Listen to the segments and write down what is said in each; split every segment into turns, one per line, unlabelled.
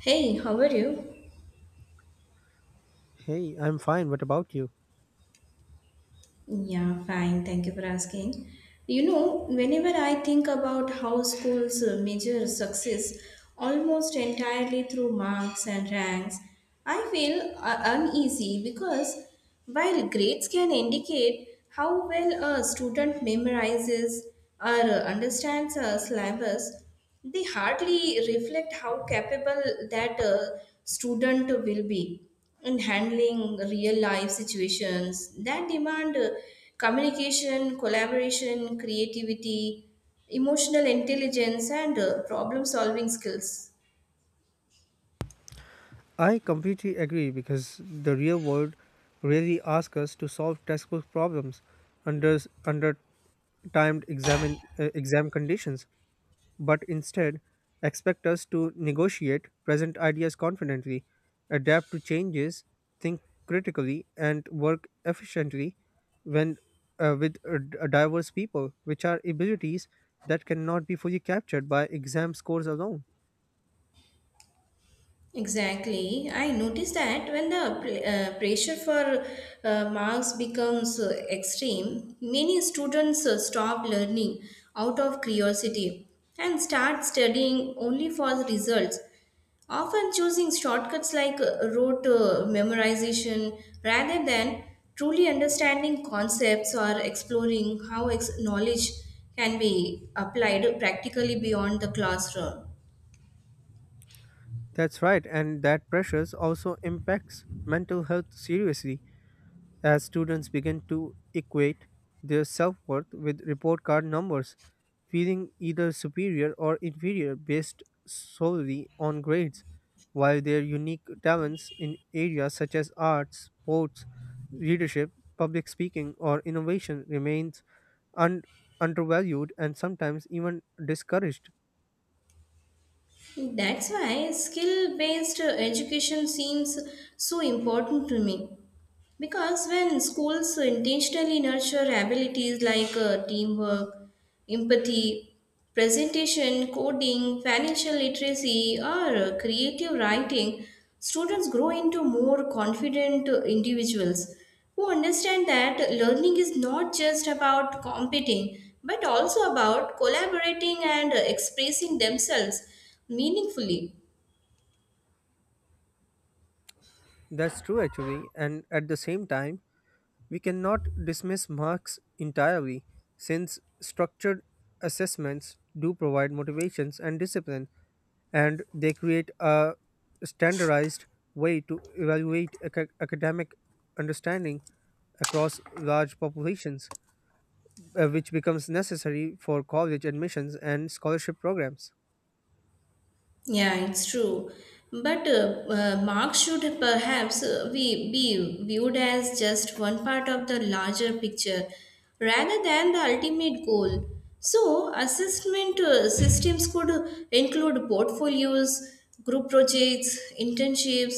Hey, how are you?
Hey, I'm fine. What about you?
Yeah, fine. Thank you for asking. You know, whenever I think about how schools measure success almost entirely through marks and ranks, I feel uneasy because while grades can indicate how well a student memorizes or understands a syllabus, they hardly reflect how capable that student will be in handling real life situations that demand communication, collaboration, creativity, emotional intelligence, and problem solving skills.
I completely agree because the real world really asks us to solve textbook problems under under timed exam conditions, but instead expect us to negotiate present ideas confidently, adapt to changes, think critically, and work efficiently when with diverse people, which are abilities that cannot be fully captured by exam scores alone.
Exactly. I noticed that when the pressure for marks becomes extreme, many students stop learning out of curiosity and start studying only for the results, often choosing shortcuts like rote memorization rather than truly understanding concepts or exploring how knowledge can be applied practically beyond the classroom.
That's right, and that pressures also impacts mental health seriously as students begin to equate their self worth with report card numbers, feeling either superior or inferior based solely on grades, while their unique talents in areas such as arts, sports, leadership, public speaking, or innovation remains un- undervalued and sometimes even discouraged.
That's why skill based education seems so important to me. Because when schools intentionally nurture abilities like teamwork, empathy, presentation, coding, financial literacy, or creative writing, students grow into more confident individuals who understand that learning is not just about competing but also about collaborating and expressing themselves meaningfully.
That's true actually, and at the same time, we cannot dismiss marks entirely, since structured assessments do provide motivations and discipline, and they create a standardized way to evaluate academic understanding across large populations, which becomes necessary for college admissions and scholarship programs.
Yeah, it's true. But Marx should perhaps we be viewed as just one part of the larger picture rather than the ultimate goal. So, assessment systems could include portfolios, group projects, internships,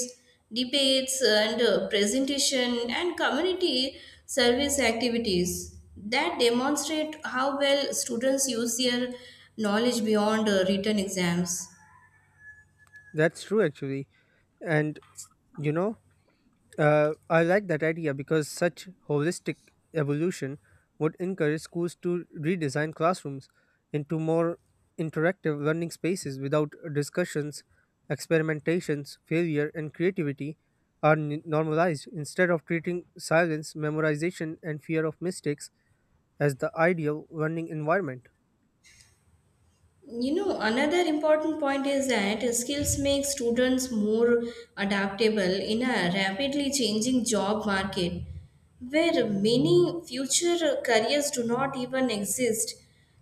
debates, and presentation and community service activities that demonstrate how well students use their knowledge beyond written exams.
That's true, actually. And you know, I like that idea because such holistic evolution would encourage schools to redesign classrooms into more interactive learning spaces without discussions, experimentations, failure, and creativity are normalized instead of treating silence, memorization, and fear of mistakes as the ideal learning environment.
You know, another important point is that skills make students more adaptable in a rapidly changing job market where many future careers do not even exist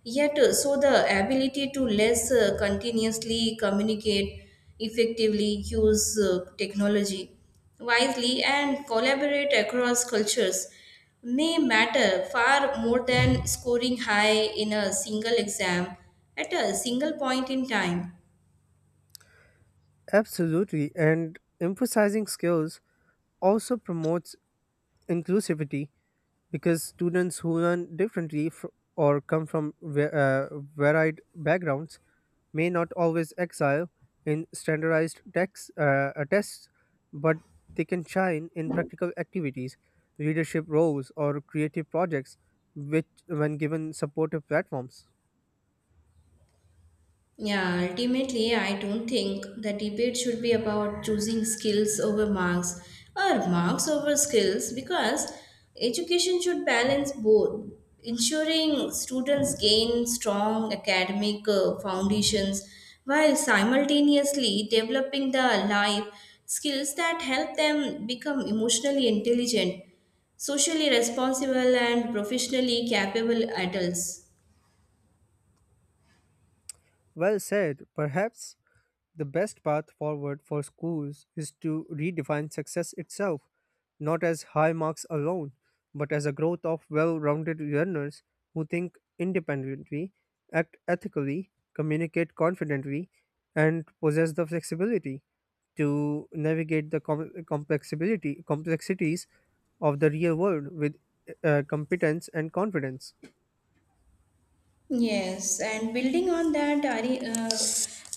yet, so the ability to less continuously communicate effectively use technology wisely and collaborate across cultures may matter far more than scoring high in a single exam at a single point in time.
Absolutely, and emphasizing skills also promotes inclusivity because students who learn differently or come from varied backgrounds may not always excel in standardized tests, but they can shine in practical activities, leadership roles, or creative projects, which when given supportive platforms.
Yeah, ultimately, I don't think the debate should be about choosing skills over marks or marks over skills because education should balance both, ensuring students gain strong academic foundations while simultaneously developing the life skills that help them become emotionally intelligent, socially responsible, and professionally capable adults.
Well said. Perhaps the best path forward for schools is to redefine success itself, not as high marks alone, but as a growth of well rounded learners who think independently, act ethically, communicate confidently, and possess the flexibility to navigate the complexities of the real world with competence and confidence.
Yes, and building on that, I, uh,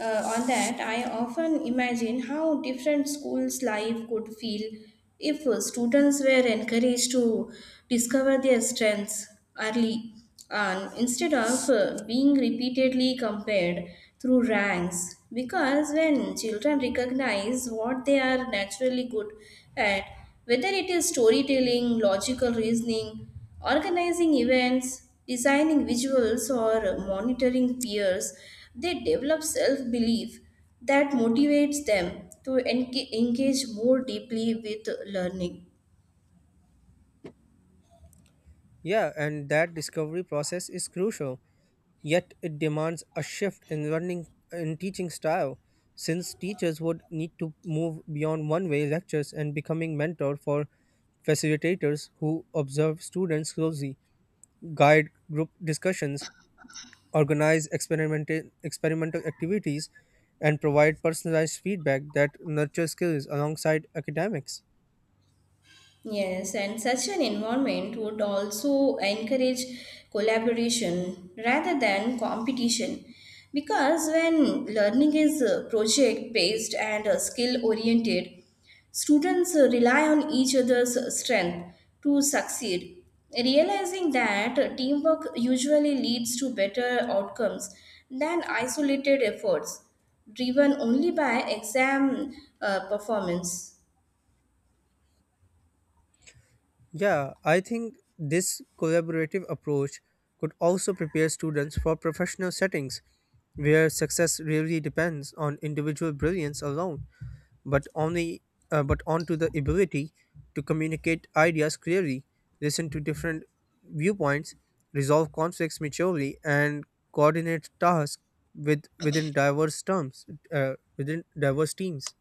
uh, on that, I often imagine how different schools' life could feel if students were encouraged to discover their strengths early, and instead of being repeatedly compared through ranks. Because when children recognize what they are naturally good at, whether it is storytelling, logical reasoning, organizing events, designing visuals, or monitoring peers, they develop self belief that motivates them to engage more deeply with learning.
Yeah, and that discovery process is crucial. Yet it demands a shift in learning in teaching style, since teachers would need to move beyond one-way lectures and becoming mentor for facilitators who observe students closely, guide group discussions, organize experimental activities, and provide personalized feedback that nurtures skills alongside academics.
Yes, and such an environment would also encourage collaboration rather than competition. Because when learning is project based and skill oriented, students rely on each other's strength to succeed. Realizing that teamwork usually leads to better outcomes than isolated efforts driven only by exam performance.
Yeah, I think this collaborative approach could also prepare students for professional settings where success really depends on individual brilliance alone, but only but onto the ability to communicate ideas clearly, listen to different viewpoints, resolve conflicts maturely, and coordinate tasks with within diverse terms within diverse teams.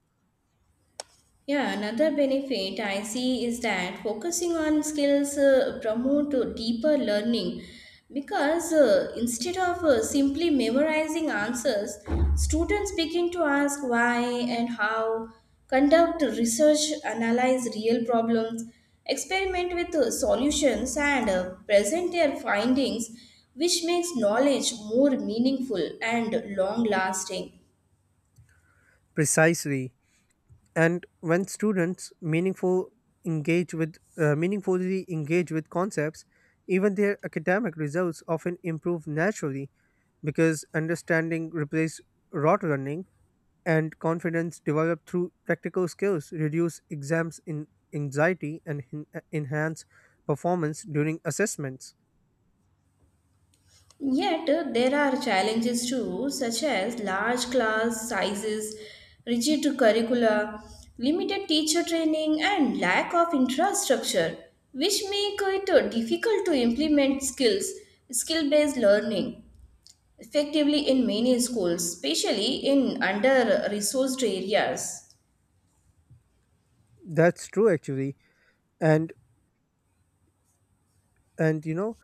Yeah, another benefit I see is that focusing on skills promote deeper learning because instead of simply memorizing answers, students begin to ask why and how, conduct research, analyze real problems, experiment with solutions, and present their findings, which makes knowledge more meaningful and long lasting.
Precisely, and when students meaningfully engage with concepts even their academic results often improve naturally because understanding replaces rote learning and confidence developed through practical skills reduce exams in anxiety and enhance performance during assessments.
Yet, there are challenges too, such as large class sizes, rigid curricula, limited teacher training, and lack of infrastructure, which make it difficult to implement skill based learning effectively in many schools, especially in under resourced areas.
That's true actually, and you know,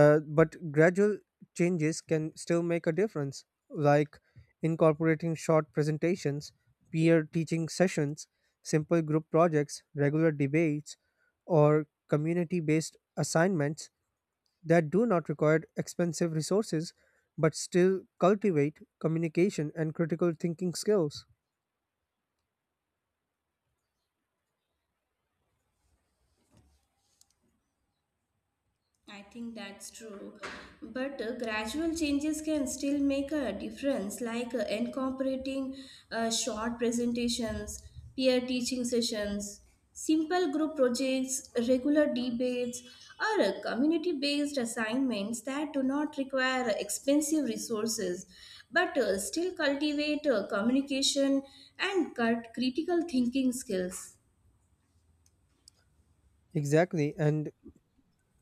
but gradual changes can still make a difference, like incorporating short presentations, peer teaching sessions, simple group projects, regular debates, or community based assignments that do not require expensive resources but still cultivate communication and critical thinking skills.
I think that's true. But gradual changes can still make a difference, like incorporating short presentations, peer teaching sessions, simple group projects, regular debates, or community based assignments that do not require expensive resources but still cultivate communication and critical thinking skills.
Exactly, and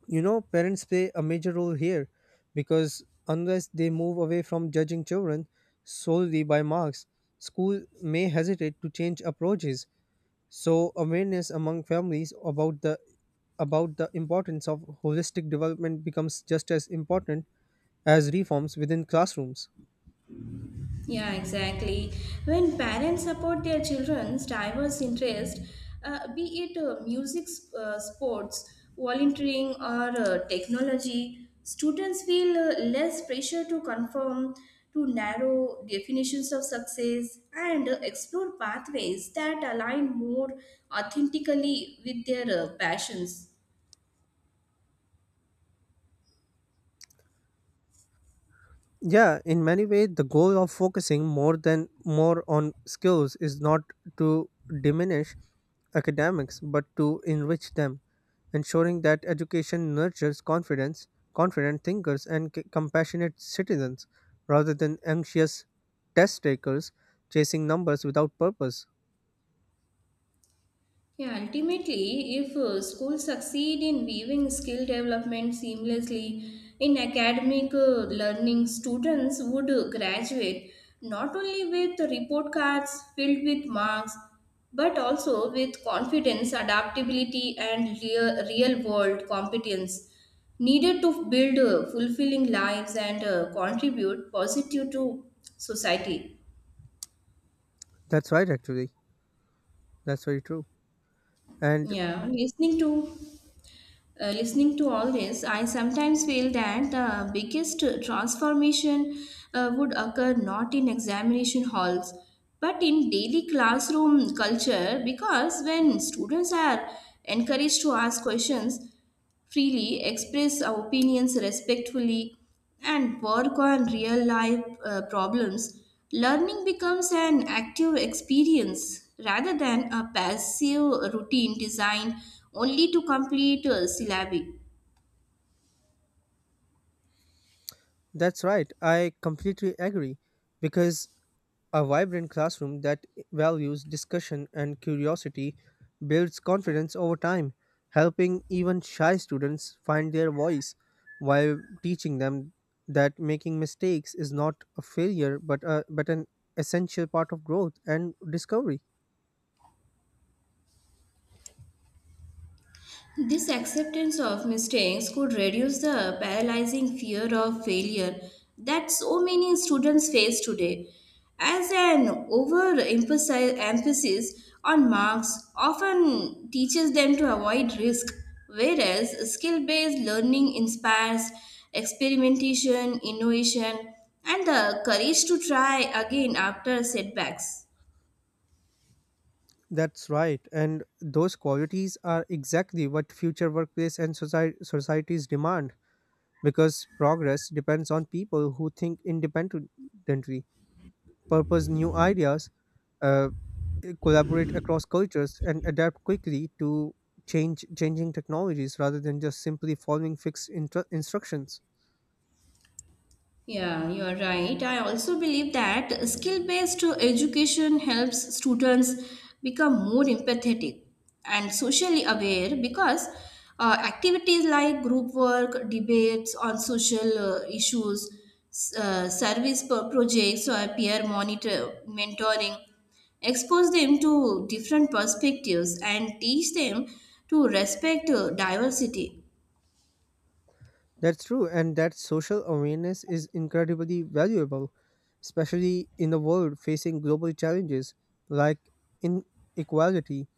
you know parents play a major role here because unless they move away from judging children solely by marks, school may hesitate to change approaches. So awareness among families about the importance of holistic development becomes just as important as reforms within classrooms.
Yeah, exactly. When parents support their children's diverse interests, be it music, sports, volunteering, or technology, students feel less pressure to conform to narrow definitions of success and explore pathways that align more authentically with their passions.
Yeah, in many ways, the goal of focusing more on skills is not to diminish academics, but to enrich them, ensuring that education nurtures confident thinkers, and compassionate citizens, rather than anxious test takers chasing numbers without purpose.
Yeah, ultimately, if schools succeed in weaving skill development seamlessly in academic learning, students would graduate not only with report cards filled with marks, but also with confidence, adaptability, and real world competence needed to build fulfilling lives and contribute positive to society.
That's right, actually. That's very true. And
Yeah, listening to Listening to all this, I sometimes feel that the biggest transformation would occur not in examination halls but in daily classroom culture because when students are encouraged to ask questions freely, express our opinions respectfully, and work on real life problems, learning becomes an active experience rather than a passive routine designed only to complete syllabi.
that's right. I completely agree, because a vibrant classroom that values discussion and curiosity builds confidence over time, helping even shy students find their voice while teaching them that making mistakes is not a failure but an essential part of growth and discovery.
This acceptance of mistakes could reduce the paralyzing fear of failure that so many students face today, as an overemphasis emphasis on marks often teaches them to avoid risk, whereas skill based learning inspires experimentation, innovation, and the courage to try again after setbacks.
That's right, and those qualities are exactly what future workplace and societies demand because progress depends on people who think independently. Purpose new ideas, uh, collaborate across cultures, and adapt quickly to change changing technologies rather than just simply following fixed instructions.
Yeah, you are right. I also believe that skill based education helps students become more empathetic and socially aware because activities like group work, debates on social issues, service projects, or peer monitor mentoring expose them to different perspectives and teach them to respect diversity.
That's true, and that social awareness is incredibly valuable, especially in a world facing global challenges like inequality,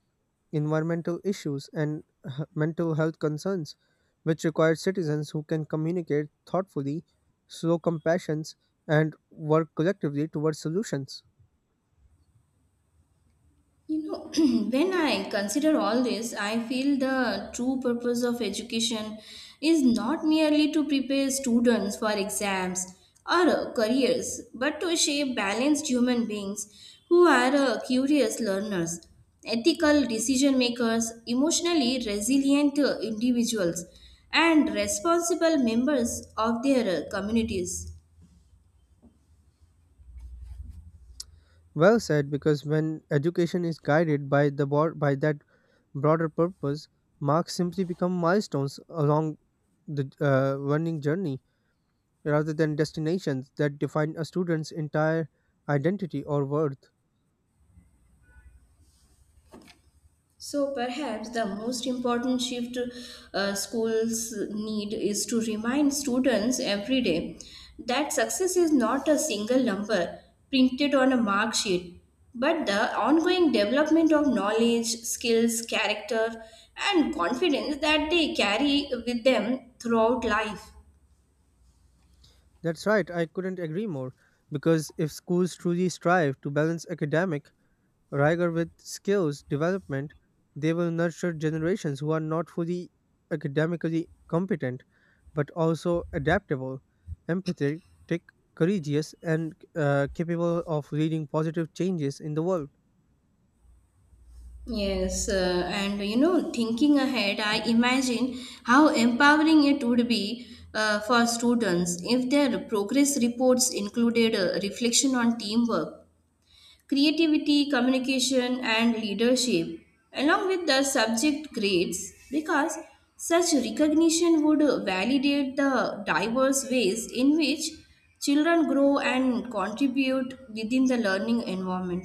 environmental issues, and mental health concerns, which require citizens who can communicate thoughtfully, show compassion, and work collectively towards solutions.
You know, when I consider all this, I feel the true purpose of education is not merely to prepare students for exams or careers, but to shape balanced human beings who are curious learners, ethical decision makers, emotionally resilient individuals, and responsible members of their communities.
Well said, because when education is guided by that broader purpose, marks simply become milestones along the learning journey rather than destinations that define a student's entire identity or worth.
So perhaps the most important shift schools need is to remind students every day that success is not a single number printed on a mark sheet, but the ongoing development of knowledge, skills, character, and confidence that they carry with them throughout life.
That's right, I couldn't agree more. Because if schools truly strive to balance academic rigor with skills development, they will nurture generations who are not fully academically competent but also adaptable, empathetic, courageous, and capable of leading positive changes in the world.
Yes, and you know, thinking ahead, I imagine how empowering it would be for students if their progress reports included a reflection on teamwork, creativity, communication, and leadership, along with the subject grades, because such recognition would validate the diverse ways in which children grow and contribute within the learning environment.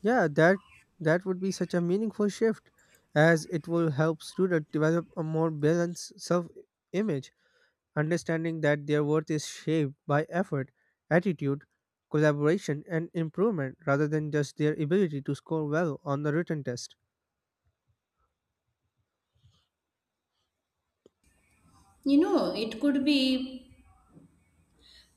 Yeah, that would be such a meaningful shift as it will help students develop a more balanced self-image, understanding that their worth is shaped by effort, attitude, collaboration, and improvement rather than just their ability to score well on the written test.
You know, it could be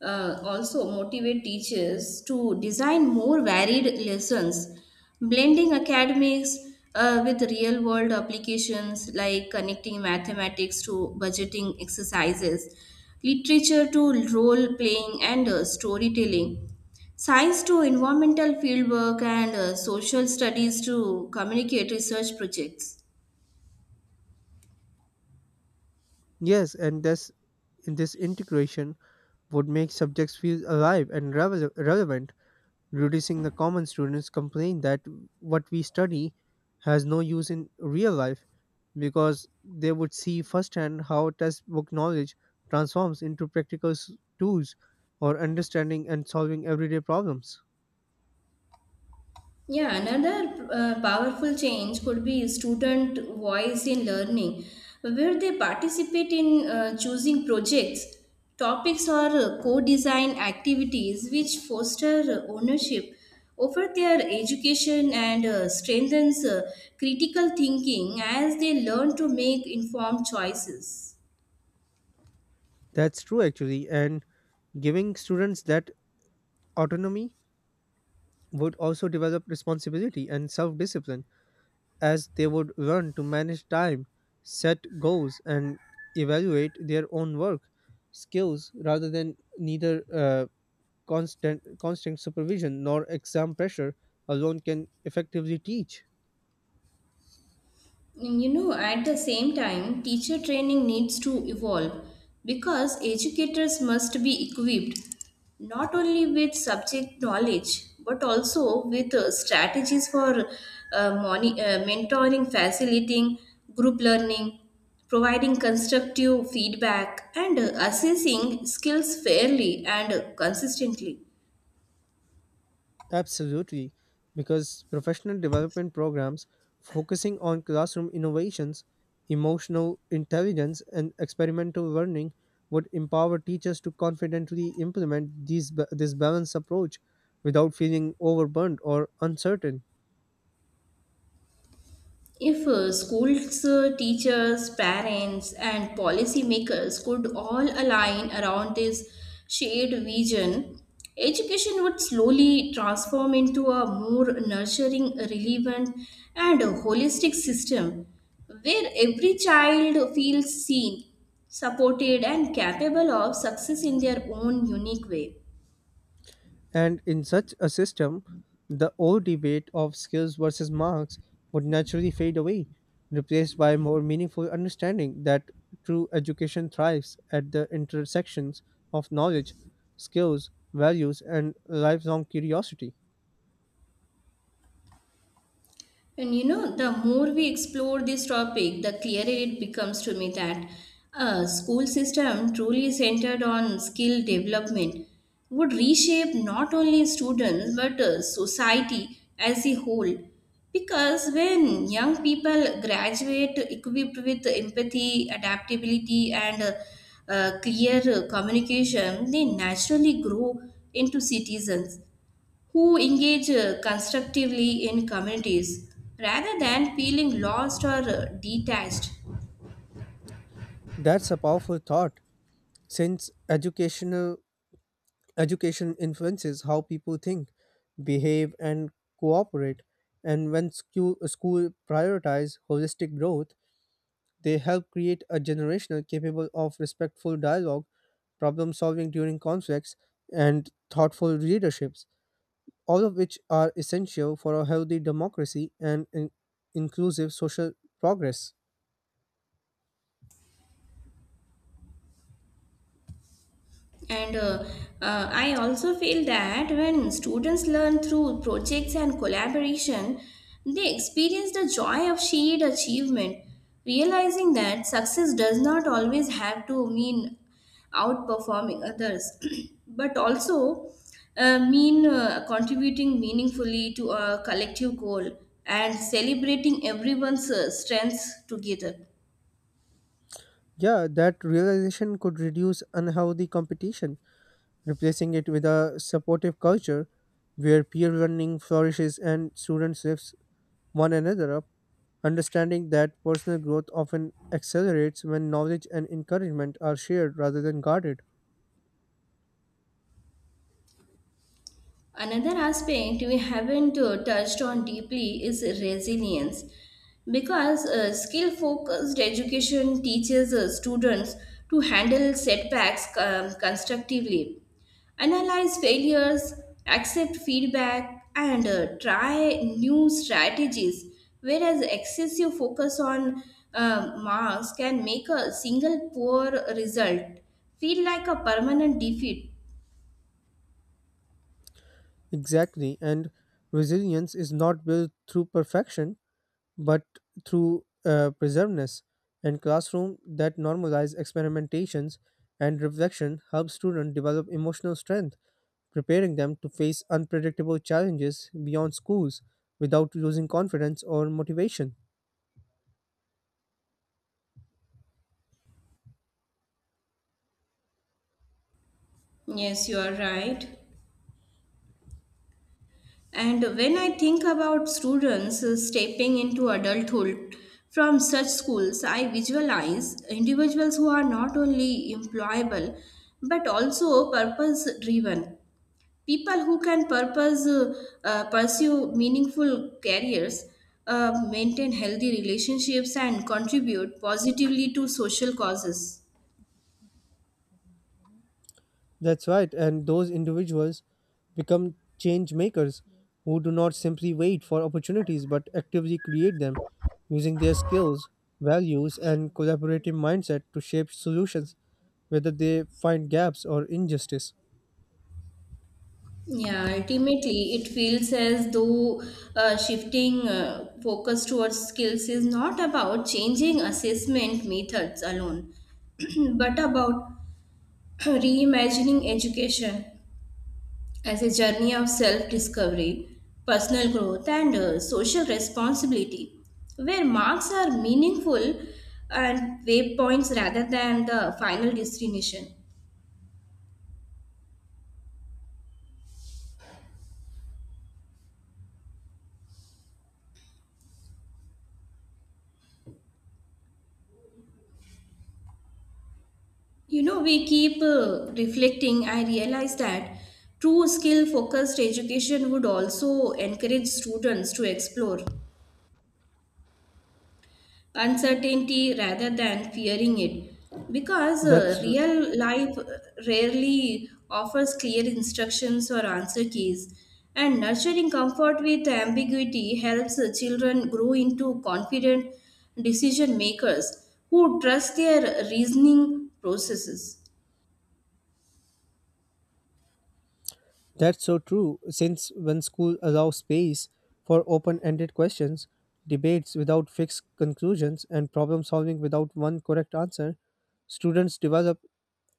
also motivate teachers to design more varied lessons, blending academics with real world applications like connecting mathematics to budgeting exercises, literature to role playing and storytelling, science to environmental fieldwork, and social studies to communicate research projects.
Yes, and this integration would make subjects feel alive and relevant, reducing the common students complain that what we study has no use in real life because they would see firsthand how textbook knowledge transforms into practical tools or understanding and solving everyday problems.
Yeah, another powerful change could be student voice in learning, where they participate in choosing projects, topics, or co design activities which foster ownership over their education and strengthens critical thinking as they learn to make informed choices.
That's true actually, and giving students that autonomy would also develop responsibility and self discipline as they would run to manage time, set goals, and evaluate their own work skills rather than neither constant supervision nor exam pressure alone can effectively teach.
You know, at the same time, teacher training needs to evolve because educators must be equipped not only with subject knowledge but also with strategies for mentoring, facilitating group learning, providing constructive feedback, and assessing skills fairly and consistently.
Absolutely, because professional development programs focusing on classroom innovations, emotional intelligence, and experimental learning would empower teachers to confidently implement this balanced approach without feeling overburdened or uncertain.
If schools, teachers, parents, and policymakers could all align around this shared vision, education would slowly transform into a more nurturing, relevant, and holistic system where every child feels seen, supported, and capable of success in their own unique way.
And in such a system, the old debate of skills versus marks would naturally fade away, replaced by more meaningful understanding that true education thrives at the intersections of knowledge, skills, values, and lifelong curiosity.
And you know, the more we explore this topic, the clearer it becomes to me that a school system truly centered on skill development would reshape not only students but society as a whole. Because when young people graduate equipped with empathy, adaptability, and clear communication, they naturally grow into citizens who engage constructively in communities rather than feeling lost or detached.
That's a powerful thought, since education influences how people think, behave, and cooperate. And when school prioritize holistic growth, they help create a generation capable of respectful dialogue, problem solving during conflicts, and thoughtful leaderships, all of which are essential for a healthy democracy and inclusive social progress.
And I also feel that when students learn through projects and collaboration, they experience the joy of shared achievement, realizing that success does not always have to mean outperforming others, but also mean contributing meaningfully to a collective goal and celebrating everyone's strengths together.
Yeah, that realization could reduce unhealthy competition, replacing it with a supportive culture where peer learning flourishes and students live one another, up, understanding that personal growth often accelerates when knowledge and encouragement are shared rather than guarded.
Another aspect we haven't touched on deeply is resilience because skill focused education teaches students to handle setbacks constructively, analyze failures, accept feedback, and try new strategies. Whereas excessive focus on marks can make a single poor result feel like a permanent defeat.
Exactly, and resilience is not built through perfection but through preservedness. And classroom that normalize experimentations and reflection helps students develop emotional strength, preparing them to face unpredictable challenges beyond schools without losing confidence or motivation.
Yes, you are right. And when I think about students stepping into adulthood from such schools, I visualize individuals who are not only employable but also purpose driven. People who can purpose pursue meaningful careers, maintain healthy relationships, and contribute positively to social causes.
That's right, and those individuals become change makers who do not simply wait for opportunities but actively create them using their skills, values, and collaborative mindset to shape solutions, whether they find gaps or injustice.
Yeah, ultimately, it feels as though shifting focus towards skills is not about changing assessment methods alone, but about reimagining education as a journey of self discovery, personal growth, and social responsibility, where marks are meaningful and waypoints rather than the final destination. You know, we keep reflecting. I realize that true skill focused education would also encourage students to explore uncertainty rather than fearing it because
That's
real life rarely offers clear instructions or answer keys. And nurturing comfort with ambiguity helps children grow into confident decision makers who trust their reasoning processes.
That's so true, since when school allows space for open ended questions, debates without fixed conclusions, and problem solving without one correct answer, students develop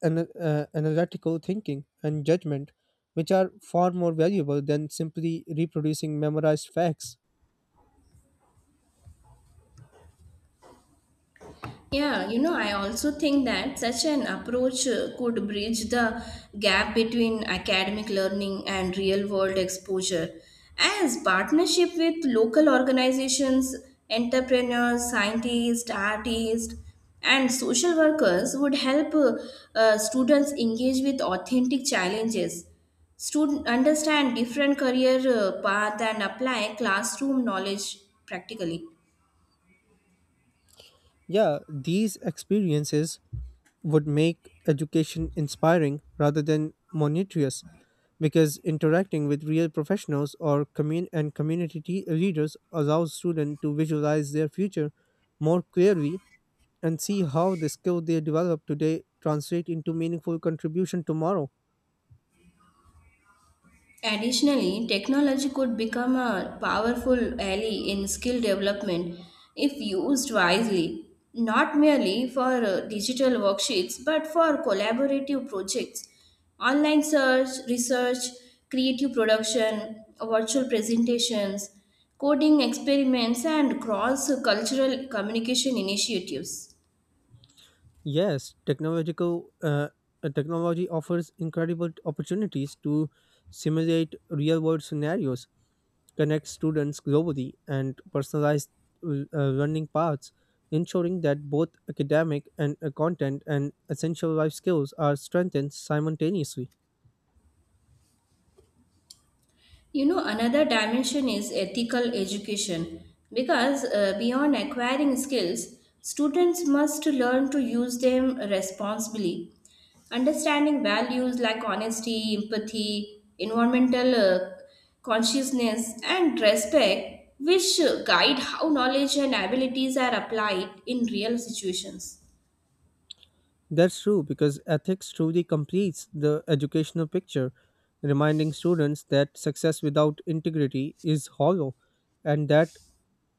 an, analytical thinking and judgment, which are far more valuable than simply reproducing memorized facts.
Yeah, you know, I also think that such an approach could bridge the gap between academic learning and real world exposure. As partnership with local organizations, entrepreneurs, scientists, artists, and social workers would help students engage with authentic challenges, student understand different career path and apply classroom knowledge practically.
Yeah, these experiences would make education inspiring rather than monotonous because interacting with real professionals or commun- and community leaders allows students to visualize their future more clearly and see how the skill they develop today translate into meaningful contribution tomorrow.
Additionally, technology could become a powerful ally in skill development if used wisely, not merely for digital worksheets but for collaborative projects, online research, creative production, virtual presentations, coding experiments, and cross cultural communication initiatives.
Yes, technological technology offers incredible opportunities to simulate real world scenarios, connect students globally, and personalized learning paths, ensuring that both academic and content and essential life skills are strengthened simultaneously.
You know, another dimension is ethical education because beyond acquiring skills, students must learn to use them responsibly. Understanding values like honesty, empathy, environmental consciousness, and respect, which guide how knowledge and abilities are applied in real situations.
That's true because ethics truly completes the educational picture, reminding students that success without integrity is hollow and that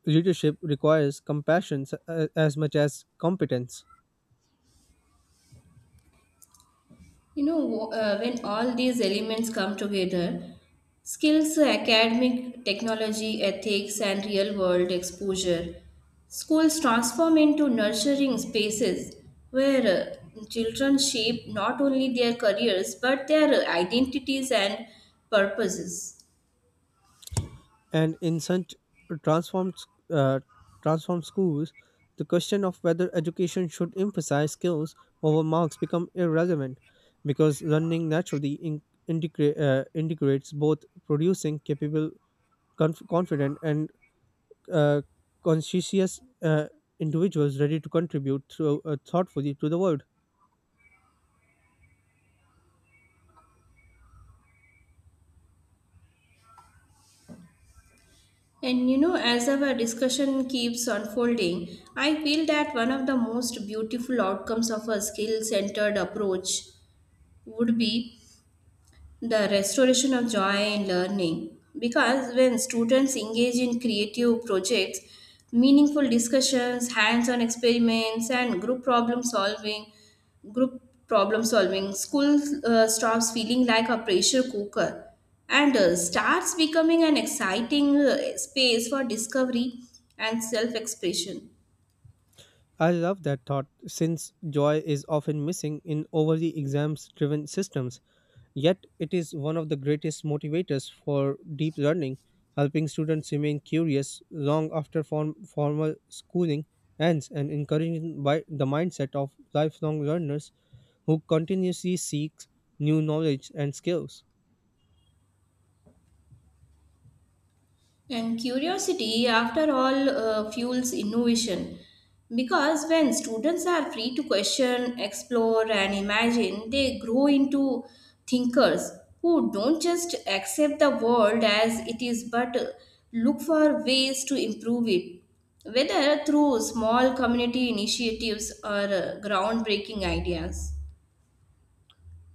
leadership requires compassion as much as competence.
You know, when all these elements come together, skills, academic, technology, ethics, and real world exposure, schools transform into nurturing spaces where children shape not only their careers but their identities and purposes.
And in such transformed uh, transformed schools, the question of whether education should emphasize skills over marks become irrelevant because learning naturally integrates both, producing capable, confident, and uh, conscientious individuals ready to contribute thoughtfully to the world.
And you know, as our discussion keeps unfolding, I feel that one of the most beautiful outcomes of a skill centered approach would be the restoration of joy in learning because when students engage in creative projects, meaningful discussions, hands-on experiments, and group problem solving school stops feeling like a pressure cooker and starts becoming an exciting space for discovery and self-expression.
I love that thought since joy is often missing in overly exams driven systems. Yet, it is one of the greatest motivators for deep learning, helping students remain curious long after formal schooling ends and encouraging by the mindset of lifelong learners who continuously seek new knowledge and skills.
And curiosity, after all, fuels innovation. Because when students are free to question, explore, and imagine, they grow into thinkers who don't just accept the world as it is but look for ways to improve it, whether through small community initiatives or groundbreaking ideas.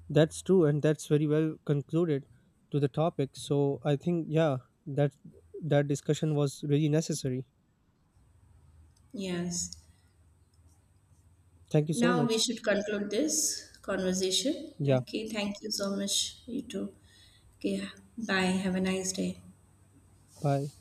That's true, and that's very well concluded to the topic. So, I think, yeah, that that discussion was really necessary.
Yes.
Thank you so
Now we
much.
should conclude this conversation.
Yeah,
Okay, thank you so much, you too. Okay, bye. Have a nice day.
bye.